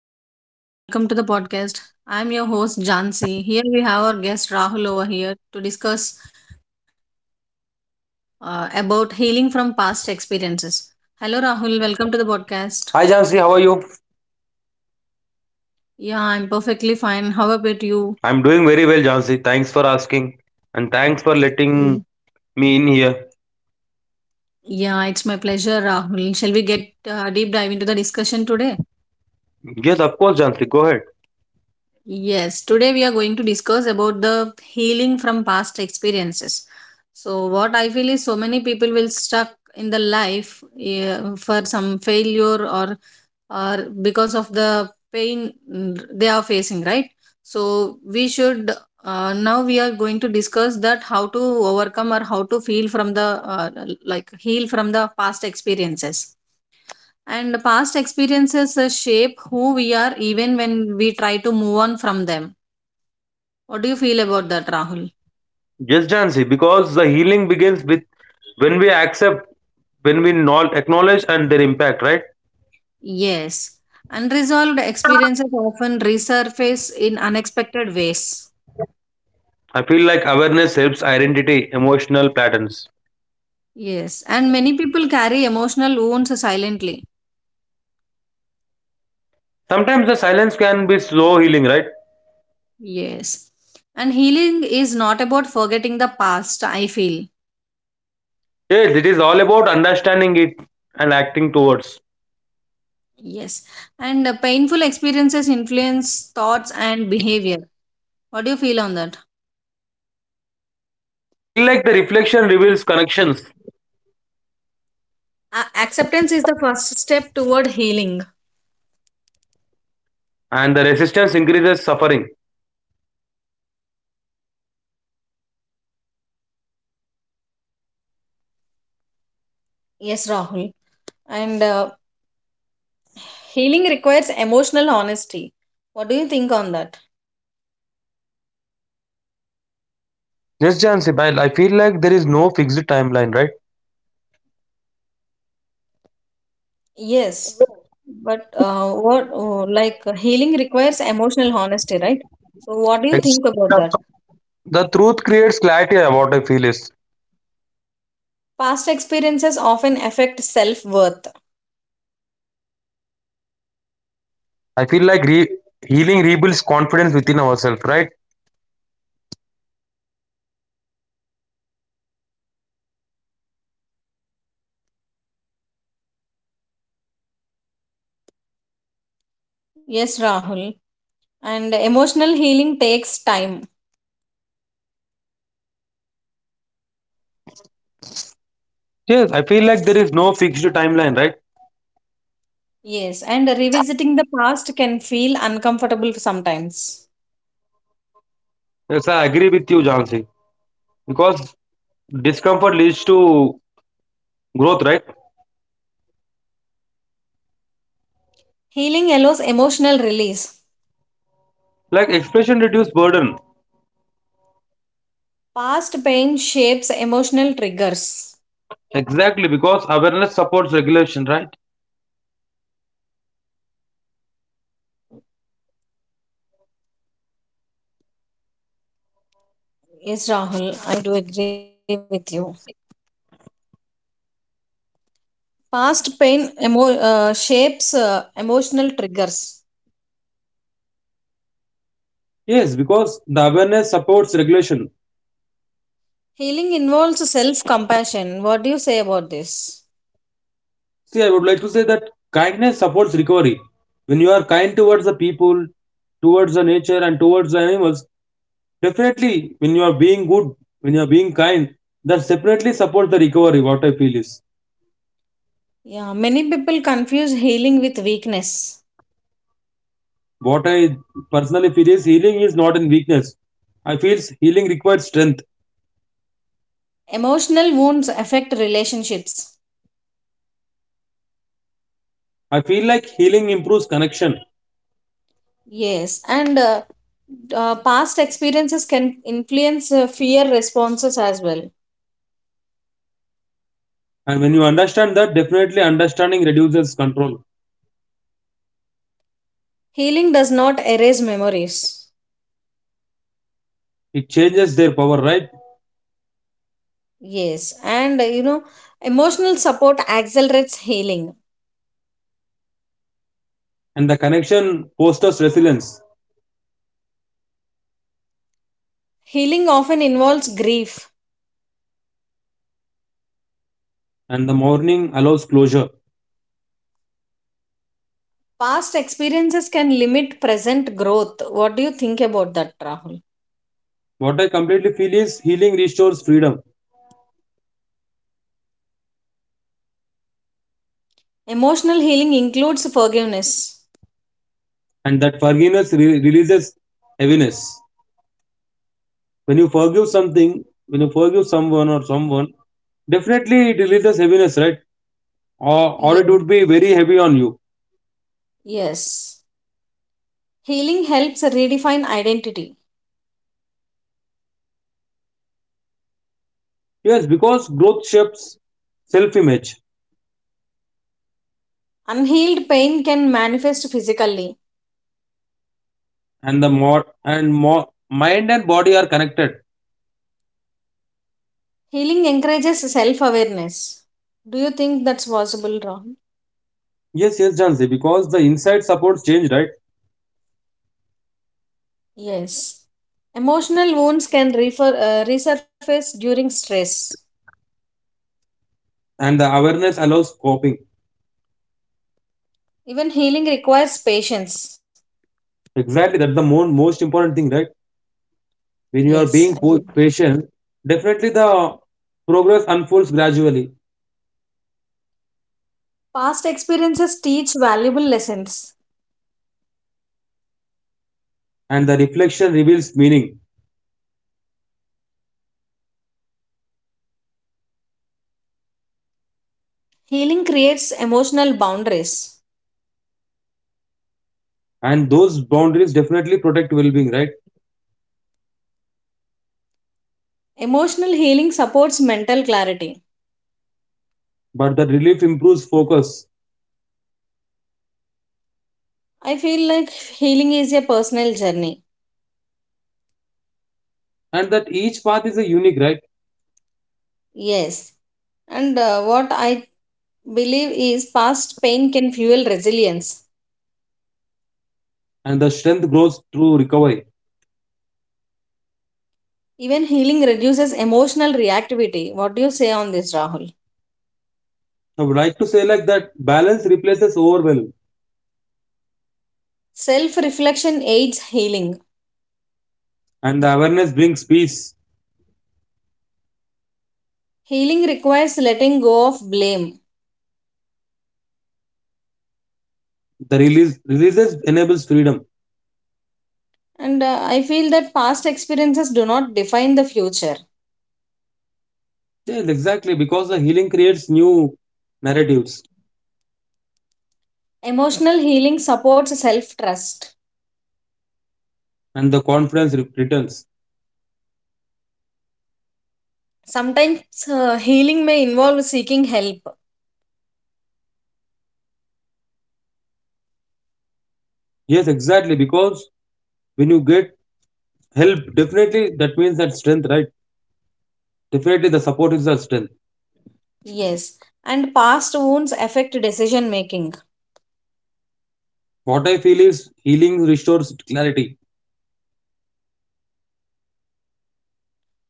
Hello everyone, welcome to the podcast. I'm your host Jansi. Here we have our guest Rahul over here to discuss about healing from past experiences. Hello Rahul, welcome to the podcast. Hi Jansi, how are you? Yeah, I'm perfectly fine. How about you? I'm doing very well, Jansi. Thanks for asking. And thanks for letting Mm. me in here. Yeah, it's my pleasure, Rahul. Shall we get deep dive into the discussion today? Yes, of course, Jansi. Go ahead. Yes, today we are going to discuss about the healing from past experiences. So what I feel is so many people will stuck in the life for some failure or because of the pain they are facing, right? So we should now we are going to discuss that how to overcome or how to feel from the like heal from the past experiences, and past experiences shape who we are even when we try to move on from them. What do you feel about that, Rahul? Yes, Jansi, because the healing begins with when we accept, when we not acknowledge and their impact, right? Yes. Unresolved experiences often resurface in unexpected ways. I feel like awareness helps identity, emotional patterns. Yes. And many people carry emotional wounds silently. Sometimes the silence can be slow healing, right? Yes. And healing is not about forgetting the past, I feel. Yes, it is all about understanding it and acting towards. Yes. And painful experiences influence thoughts and behavior. What do you feel on that? I feel like the reflection reveals connections Acceptance is the first step toward healing. and the resistance increases suffering. Yes, Rahul. And healing requires emotional honesty. What do you think on that? Yes, Jansi, I feel like there is no fixed timeline, right? Yes, but what like healing requires emotional honesty, right? So, what do you Like, think about that? the truth creates clarity about I feel is. Past experiences often affect self-worth. I feel like healing rebuilds confidence within ourselves, right? Yes, Rahul. And emotional healing takes time. Yes, I feel like there is no fixed timeline, right? Yes, and revisiting the past can feel uncomfortable sometimes. Yes, I agree with you, Jansi. Because discomfort leads to growth, right? Healing allows emotional release. Like expression reduces burden. Past pain shapes emotional triggers. Exactly, because awareness supports regulation, right? Yes, Rahul, I do agree with you. Past pain shapes emotional triggers. Yes, because the awareness supports regulation. Healing involves self compassion. What do you say about this? See, I would like to say that kindness supports recovery. When you are kind towards the people, towards the nature, and towards the animals, definitely when you are being good, when you are being kind, that separately supports the recovery. What I feel is, Yeah, many people confuse healing with weakness. what I personally feel is, healing is not in weakness. I feel healing requires strength. Emotional wounds affect relationships. I feel like healing improves connection. Yes, and past experiences can influence fear responses as well. And when you understand that, definitely understanding reduces control. Healing does not erase memories. It changes their power, right? Yes, and emotional support accelerates healing. And the connection fosters resilience. Healing often involves grief. And the mourning allows closure. Past experiences can limit present growth. What do you think about that, Rahul? What I completely feel is healing restores freedom, Emotional healing includes forgiveness. and that forgiveness releases heaviness. When you forgive something, when you forgive someone or someone, definitely it releases heaviness, right? Or it would Yes. be very heavy on you. Yes. Healing helps redefine identity. Yes, because growth shapes self-image, Unhealed pain can manifest physically. and the more and more mind and body are connected. Healing encourages self awareness. Do you think that's possible, Rahul? Yes, yes, Jansi, because the inside supports change, right? Yes. Emotional wounds can resurface during stress. And the awareness allows coping. Even healing requires patience. Exactly, that's the most important thing, right? When you are Yes, I being agree. Patient, definitely the progress unfolds gradually Past experiences teach valuable lessons. and the reflection reveals meaning. Healing creates emotional boundaries. And those boundaries definitely protect well being, right? Emotional healing supports mental clarity. But the relief improves focus I feel like healing is a personal journey. and that each path is a unique, right? Yes. And what I believe is past pain can fuel resilience. And the strength grows through recovery. Even healing reduces emotional reactivity. What do you say on this, Rahul? I would like to say like that balance replaces overwhelm Self reflection aids healing. and the awareness brings peace. Healing requires letting go of blame. The release releases enables freedom. And I feel that past experiences do not define the future. Yes, exactly, because the healing creates new narratives Emotional healing supports self trust. and the confidence returns. Sometimes healing may involve seeking help. Yes, exactly, because when you get help definitely that means that strength right definitely the support is the strength. Yes. And past wounds affect decision making. What I feel is healing restores clarity,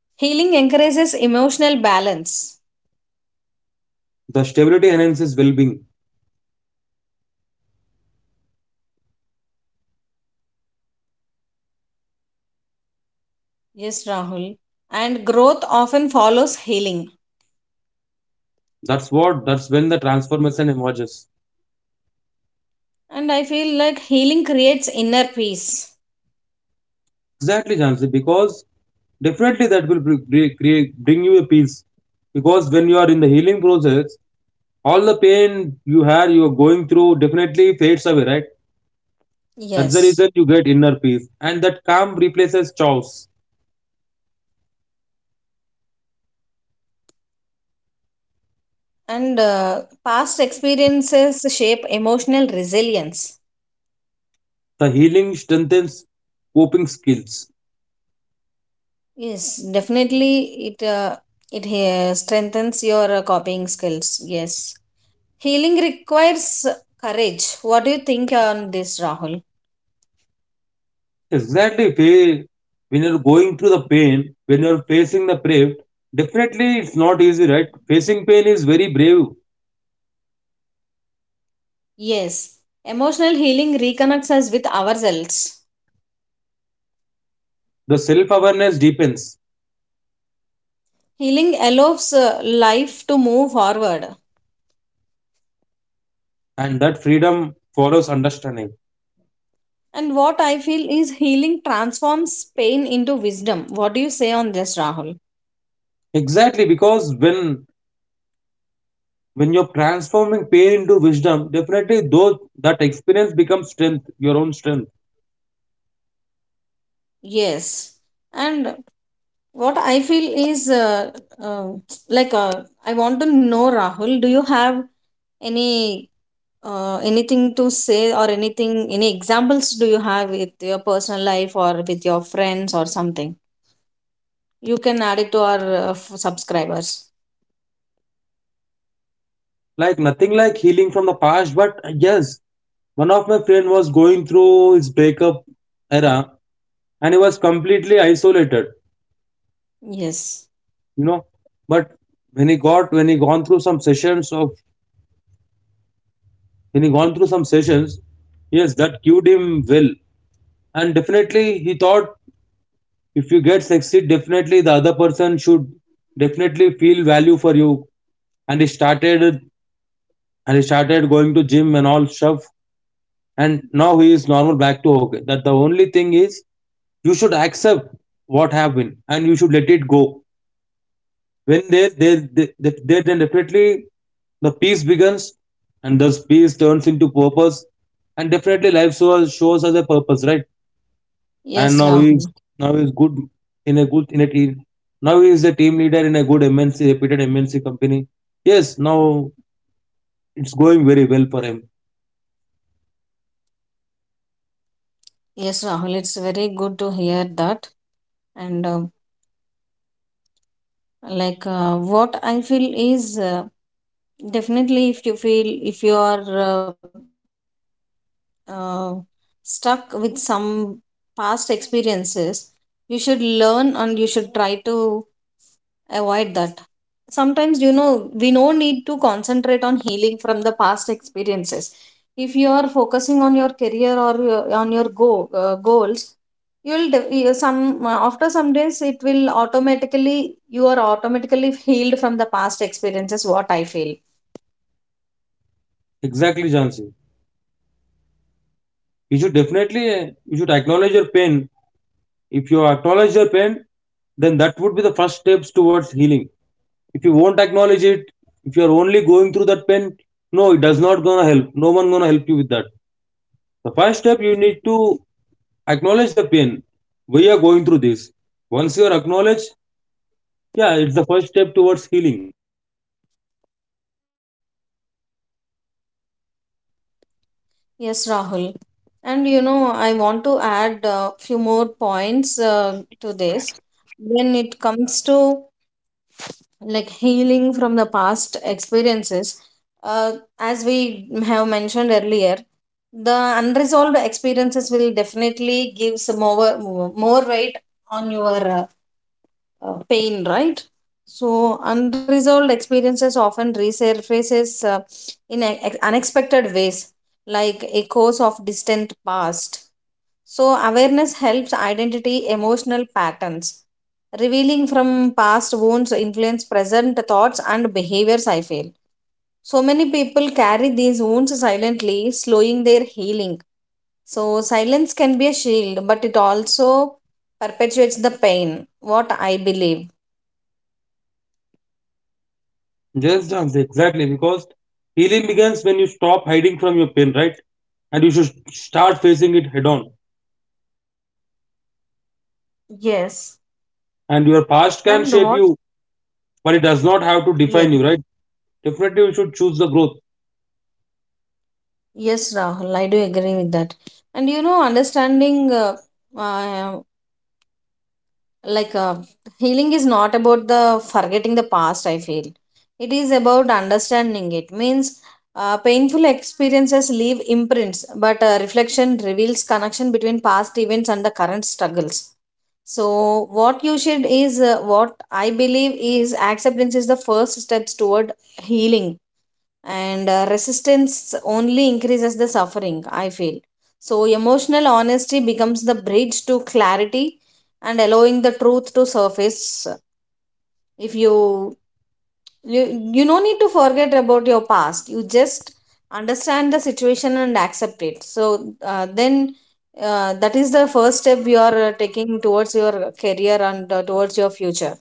Healing encourages emotional balance. the stability enhances well-being. Yes, Rahul. And growth often follows healing. That's what, that's when the transformation emerges. And I feel like healing creates inner peace. Exactly, Jansi, because definitely that will bring you a peace, because when you are in the healing process all the pain you had you are going through definitely fades away right. That's the Yes. reason you get inner peace and that calm replaces chaos. And past experiences shape emotional resilience. The healing strengthens coping skills. Yes, definitely it uh, it strengthens your copying skills. Yes. Healing requires courage. What do you think on this, Rahul? Exactly. When you're going through the pain, when you're facing the brave, definitely it's not easy, right? Facing pain is very brave. Yes. Emotional healing reconnects us with ourselves. The self awareness deepens, Healing allows life to move forward. and that freedom follows understanding. And what I feel is healing transforms pain into wisdom. What do you say on this, Rahul? Exactly, because when you're transforming pain into wisdom, definitely though that experience becomes strength, your own strength. Yes. And what I feel is uh, like I want to know Rahul, do you have any anything to say, or anything, any examples, do you have with your personal life or with your friends or something you can add it to our subscribers? Like nothing like healing from the past, but yes, one of my friend was going through his breakup era, and he was completely isolated, Yes. you know, but when he got when he gone through some sessions of when he gone through some sessions, yes, that cued him well. And definitely he thought, if you get succeed definitely the other person should definitely feel value for you. And he started, and he started going to gym and all stuff, and now he is normal back to okay. that the only thing is, you should accept what happened and you should let it go. When they then definitely the peace begins and thus peace turns into purpose and definitely life shows us a purpose, right? And Yes, Rahul. now he's good, in a good in a team. Now he is a team leader in a good MNC, reputed MNC company. Yes, now it's going very well for him. Yes, Rahul, it's very good to hear that. And what I feel is definitely if you feel, if you are uh, stuck with some past experiences, you should learn and you should try to avoid that. Sometimes you know, we no need to concentrate on healing from the past experiences. If you are focusing on your career or your- on your go goals, some after some days it will automatically, you are automatically healed from the past experiences, what I feel. Exactly, Jansi, you should definitely, you should acknowledge your pain. If you acknowledge your pain, then that would be the first steps towards healing. If you won't acknowledge it, if you're only going through that pain, no, it does not gonna help, no one gonna help you with that. The first step, you need to acknowledge the pain we are going through this. Once you are acknowledged, yeah, it's the first step towards healing. What do you say, Janse? Yes, Rahul. And you know, I want to add a few more points to this. When it comes to like healing from the past experiences, uh, as we have mentioned earlier, the unresolved experiences will definitely give some more weight on your pain, right? So unresolved experiences often resurfaces in unexpected ways, like echoes of distant past. So awareness helps identity emotional patterns, revealing from past wounds, influence present thoughts and behaviors, I feel. So many people carry these wounds silently, slowing their healing. So silence can be a shield, but it also perpetuates the pain, what I believe. Yes, Janse, exactly, because healing begins when you stop hiding from your pain, right? And you should start facing it head on. Yes. And your And past what? can shape you, but it does not have to Yes. define you, right? Definitely you should choose the growth. Yes, Rahul, I do agree with that. And you know, understanding uh, like uh, healing is not about the forgetting the past, I feel. It is about understanding it, means painful experiences leave imprints, but reflection reveals connection between past events and the current struggles. So what you should is what I believe is acceptance is the first steps toward healing. And resistance only increases the suffering, I feel. So emotional honesty becomes the bridge to clarity, and allowing the truth to surface. If you you no need to forget about your past, you just understand the situation and accept it. So then that is the first step you are taking towards your career and towards your future.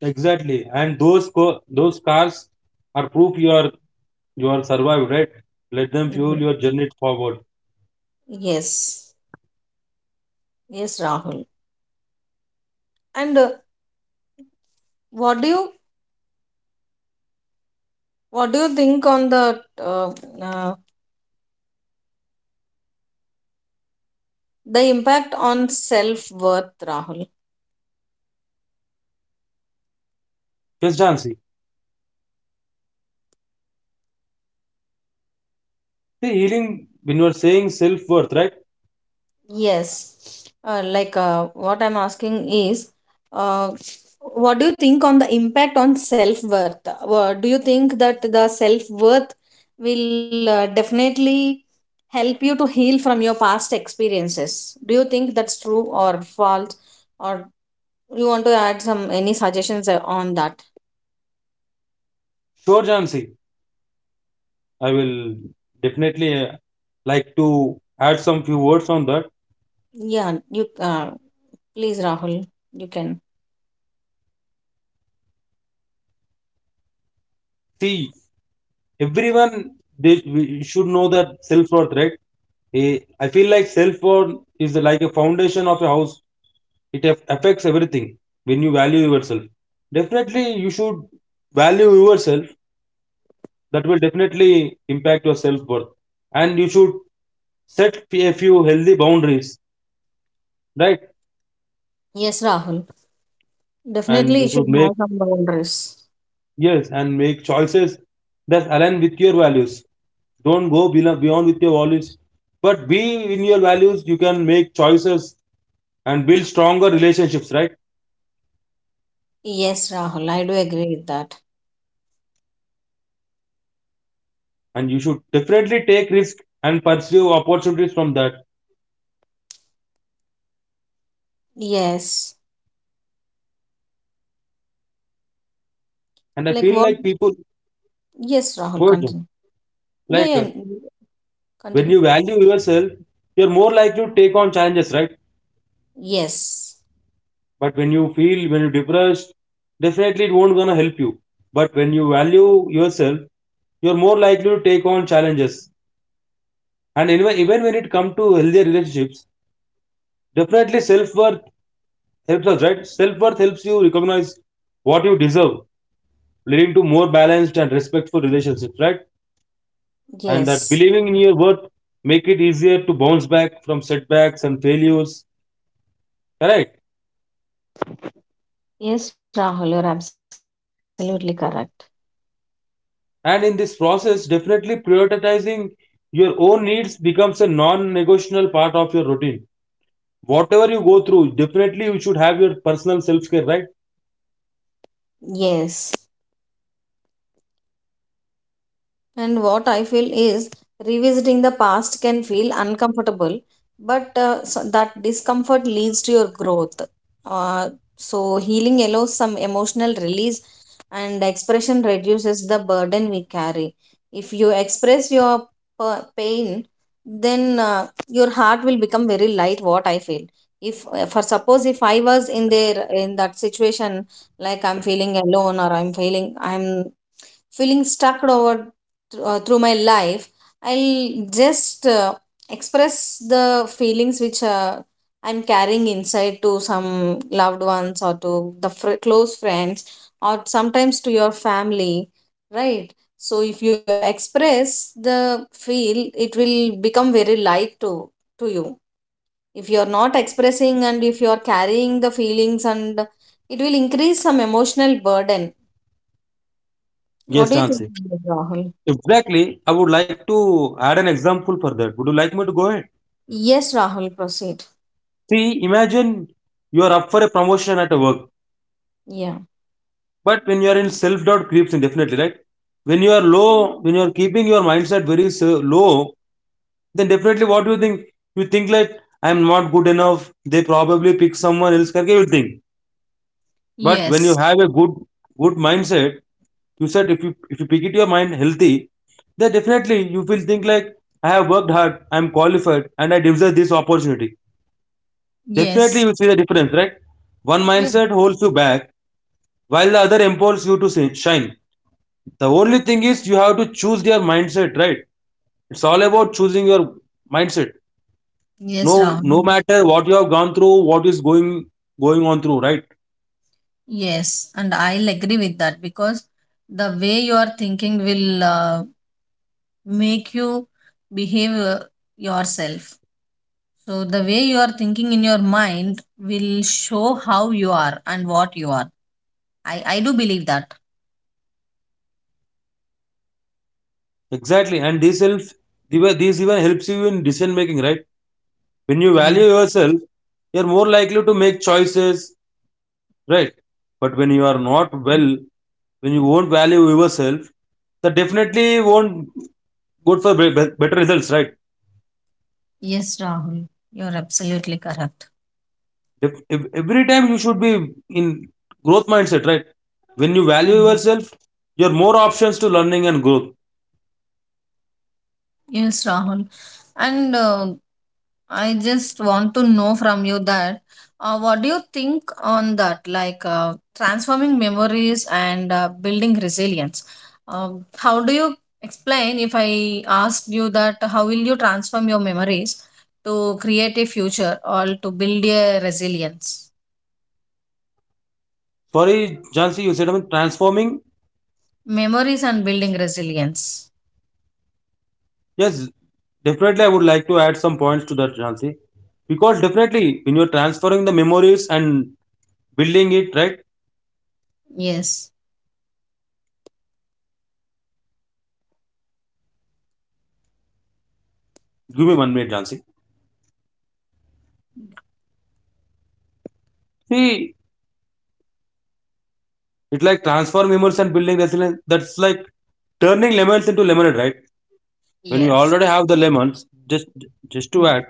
Exactly, and those cars are proof you are, you are survived, right? Let them fuel Mhm. your journey forward. Yes. Yes, Rahul. And what do you what do you think on uh, uh, the impact on self worth, Rahul? Yes, Jansi. See, healing when you are saying self worth, right? Yes, what I'm asking is, uh, what do you think on the impact on self worth? Do you think that the self worth will definitely help you to heal from your past experiences? Do you think that's true or false? Or you want to add some any suggestions on that? Sure, Jansi. I will definitely, like to add some few words on that. Yeah, you please, Rahul, you can. See, everyone they we should know that self worth, right? I feel like self-worth is like a foundation of a house. It affects everything when you value yourself. Definitely, you should value yourself. That will definitely impact your self worth. And you should set a few healthy boundaries, right? Yes, Rahul. And Definitely, you you should should make, have some boundaries. yes, and make choices that align with your values. Don't go beyond with your values, but be in your values. You can make choices and build stronger relationships, right? Yes, Rahul. I do agree with that. And you should definitely take risk and pursue opportunities from that. Yes. And I Like feel what? like people Yes, Rahul. good. Continue. Yeah, Like, yeah. when you Continue. value yourself you're more likely to take on challenges, right? Yes. But when you feel, when you're depressed, definitely it won't gonna help you. But when you value yourself, you're more likely to take on challenges, and even when it comes to healthier relationships definitely self-worth helps us, right? Self-worth helps you recognize what you deserve, leading to more balanced and respectful relationships, right? And that Yes. believing in your worth make it easier to bounce back from setbacks and failures, correct? Yes, Rahul. You're absolutely correct. And in this process definitely prioritizing your own needs becomes a non-negotiable part of your routine. Whatever you go through, definitely you should have your personal self-care, right? Yes. And what I feel is revisiting the past can feel uncomfortable, but so that discomfort leads to your growth. Uh, so, healing allows some emotional release, and expression reduces the burden we carry. If you express your pain, then your heart will become very light. What I feel. If for suppose if I was in there in that situation, like I'm feeling alone or I'm feeling stuck over through my life, I'll just express the feelings which I'm carrying inside, to some loved ones or to the close friends, or sometimes to your family, right? So if you express the feel, it will become very light to you. If you are not expressing, and if you are carrying the feelings, and it will increase some emotional burden. What Yes, do you think, Jansi, Rahul? exactly. I would like to add an example for that, would you like me to go ahead? Yes, Rahul, proceed. See, imagine you are up for a promotion at a work. Yeah. But when you are in self doubt, creeps in definitely, right? When you are low, when you are keeping your mindset very low, then definitely what do you think? You think like, I am not good enough. They probably pick someone else. करके You think. But when Yes, you have a good, good mindset, you said if you pick it your mind healthy, then definitely you will think like, I have worked hard, I am qualified, and I deserve this opportunity. Definitely yes, you see the difference, right? One yes, mindset holds you back, while the other empowers you to shine. The only thing is you have to choose your mindset, right? It's all about choosing your mindset. yes, No, no Rahul. matter what you have gone through, what is going on through, right? Yes, and I'll agree with that, because the way you are thinking will make you behave yourself. So, the way you are thinking in your mind will show how you are and what you are. I do believe that. Exactly, and this helps. This even helps you in decision making, right? When you value Yes, yourself, you're more likely to make choices, right? But when you are not well, when you won't value yourself, that definitely won't good for better results, right? yes, Rahul. You're absolutely correct. If every time you should be in growth mindset, right? When you value yourself, you're more options to learning and growth. Yes, Rahul. And I just want to know from you that what do you think on that, like transforming memories and building resilience? How do you explain, if I asked you that, how will you transform your memories to create a future or to build a resilience? Sorry, Jansi, you said about transforming. Memories and building resilience. Yes, definitely, I would like to add some points to that, Jansi, because definitely when you're transferring the memories and building it, right? Yes. Give me one minute, Jansi. See, it's like transfer memories and building resilience. That's like turning lemons into lemonade, right? When you Yes. already have the lemons, just to add,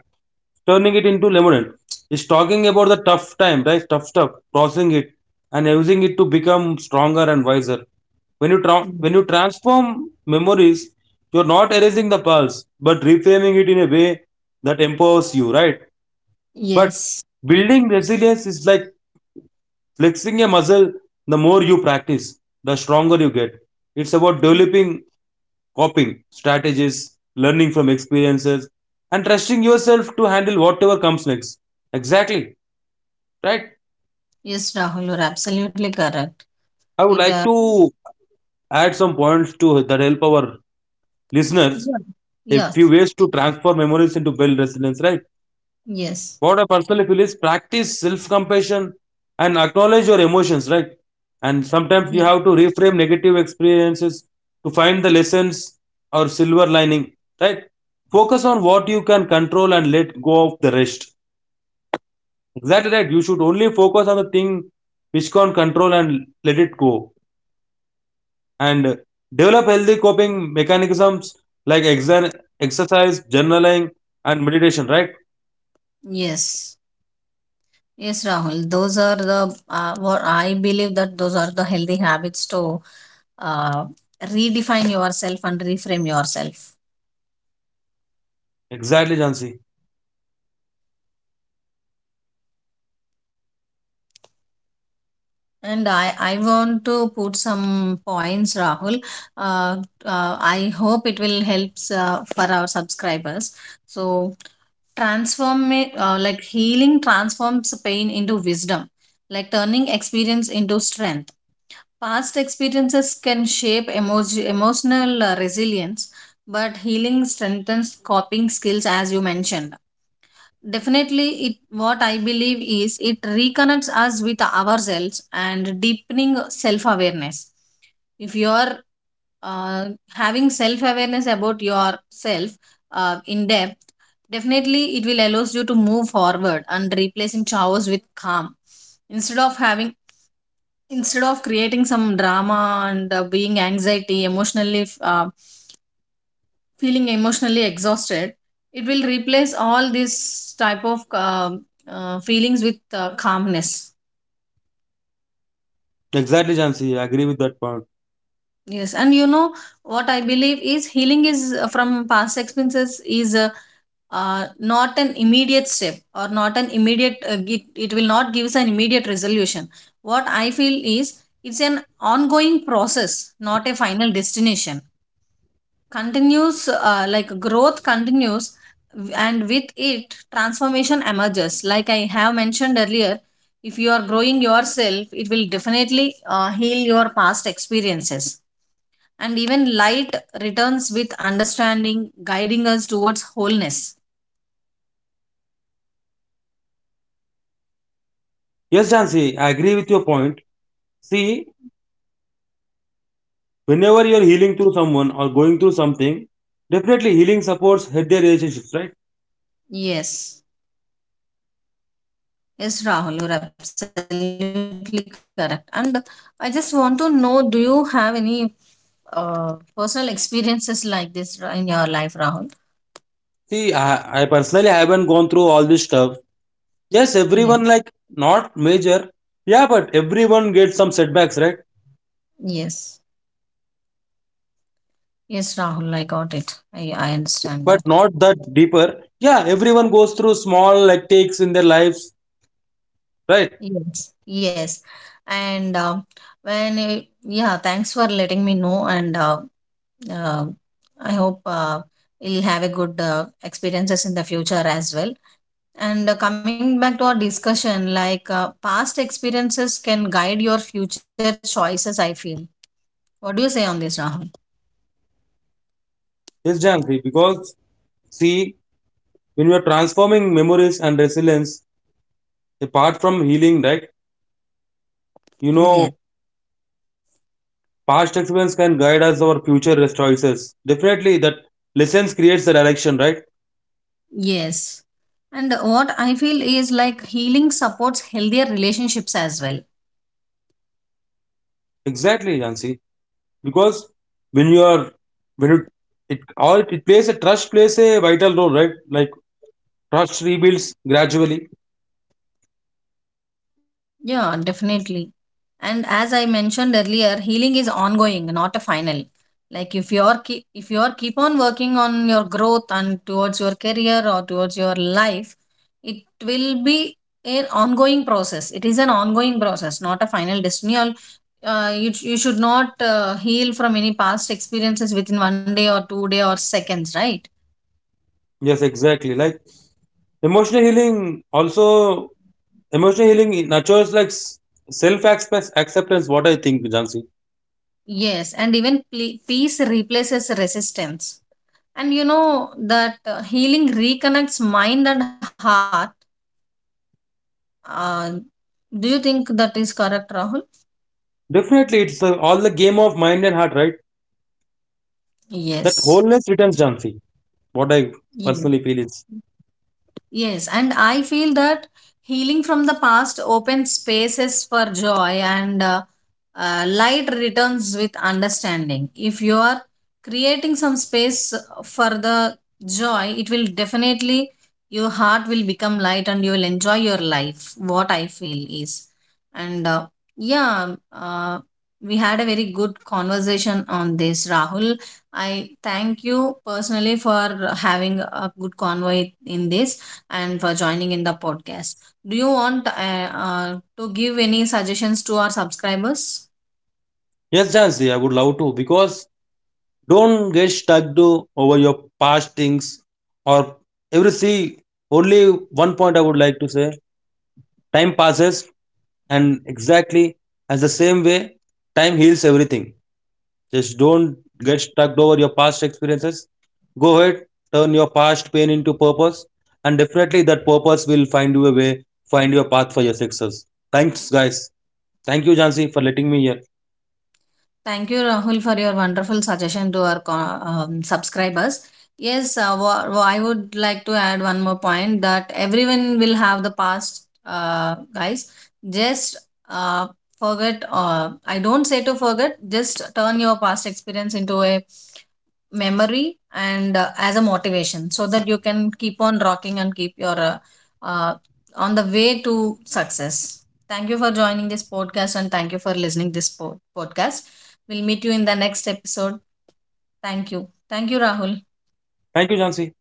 turning it into lemonade, is talking about the tough time, right? Tough stuff, processing it and using it to become stronger and wiser. When you Mm. Transform memories, you're not erasing the past, but reframing it in a way that empowers you, right? But Yes. building resilience is like flexing a muscle. The more you practice, the stronger you get. It's about developing coping strategies, learning from experiences, and trusting yourself to handle whatever comes next. Exactly, right? Yes, Rahul, you're absolutely correct. I would It, uh, like to add some points to that help our listeners yeah. a few Yes, ways to transform memories into build resilience, right? yes, What I personally feel is practice self compassion and acknowledge your emotions, right? And ye- sometimes you have to reframe negative experiences to find the lessons or silver lining, right? Focus on what you can control and let go of the rest. Exactly right. You should only focus on the thing which can control and let it go. And develop healthy coping mechanisms like exercise, journaling, and meditation, right? yes, yes, Rahul. Those are the, what I believe that those are the healthy habits to uh, redefine yourself and reframe yourself. Exactly, Jansi. And I want to put some points, Rahul. Uh, I hope it will help for our subscribers. So, transform it like healing transforms pain into wisdom, like turning experience into strength. Past experiences can shape emotional resilience, but healing strengthens coping skills, as you mentioned. Definitely, it what I believe is it reconnects us with ourselves and deepening self awareness. If you are having self awareness about yourself in depth, definitely it will allows you to move forward and replacing chaos with calm, instead of having instead of creating some drama and being anxiety, emotionally feeling emotionally exhausted, it will replace all these type of feelings with calmness. I agree with that point. Yes, and you know what I believe is healing is from past experiences is not an immediate step or not an immediate uh, it will not give us an immediate resolution, what I feel is. It's an ongoing process, not a final destination. Continues like growth continues, and with it transformation emerges, like I have mentioned earlier. If you are growing yourself, it will definitely heal your past experiences, and even light returns with understanding, guiding us towards wholeness. Yes, Jansi, I agree with your point. See, whenever you're healing through someone or going through something, definitely healing supports healthy relationships, right? Yes. Yes, Rahul, you're absolutely correct. And I just want to know, do you have any uh, personal experiences like this in your life, Rahul? See, I personally haven't gone through all this stuff. Yes, Yes. everyone like not major. Yeah, but everyone gets some setbacks, right? Yes. Yes, Rahul, I got it. I understand But that. not that deeper. Yeah, everyone goes through small like takes in their lives, right? Yes. Yes. And yeah, thanks for letting me know. And uh, I hope we'll have a good experiences in the future as well. And coming back to our discussion, like past experiences can guide your future choices, I feel. What do you say on this, Rahul? Yes, Janvi, because see, when we are transforming memories and resilience, apart from healing, right? You know, Yes. past experience can guide us our future choices. Definitely, that lessons creates the direction, right? Yes. And what I feel is like healing supports healthier relationships as well. Exactly, Jansi. Because when you are, when you, it all it plays a trust plays a vital role, right? Like trust rebuilds gradually. Yeah, definitely. And as I mentioned earlier, healing is ongoing, not a final. Like if you're keep on working on your growth and towards your career or towards your life, it will be an ongoing process. It is an ongoing process, not a final destiny. You should not heal from any past experiences within one day or two day or seconds, right? Yes, exactly. Like emotional healing also, emotional healing nurtures like self acceptance. What I think, Jansi. Yes, and even peace replaces resistance. And you know that healing reconnects mind and heart. Uh, do you think that is correct, Rahul? Definitely, it's, all the game of mind and heart, right? That Yes. wholeness returns, Jansi. What I Yes. personally feel is, Yes, and I feel that healing from the past opens spaces for joy, and light returns with understanding. If you are creating some space for the joy, it will definitely, your heart will become light and you will enjoy your life. What I feel is. And yeah, uh, we had a very good conversation on this, Rahul. I thank you personally for having a good convoy in this, and for joining in the podcast. Do you want to give any suggestions to our subscribers? yes, Jansi. I would love to because don't get stuck to over your past things or everything. Only one point I would like to say, time passes, and exactly as the same way, time heals everything. Just don't get stuck over your past experiences. Go ahead, turn your past pain into purpose, and definitely that purpose will find you a way, find your path for your success. Thanks, guys. Thank you, Jansi, for letting me here. Thank you, Rahul, for your wonderful suggestion to our subscribers. Yes, I would like to add one more point that everyone will have the past, guys. Just uh, I don't say to forget, just turn your past experience into a memory, and as a motivation, so that you can keep on rocking and keep your uh, on the way to success. Thank you for joining this podcast, and thank you for listening this podcast. We'll meet you in the next episode. Thank you. Thank you, Rahul. Thank you, Jansi.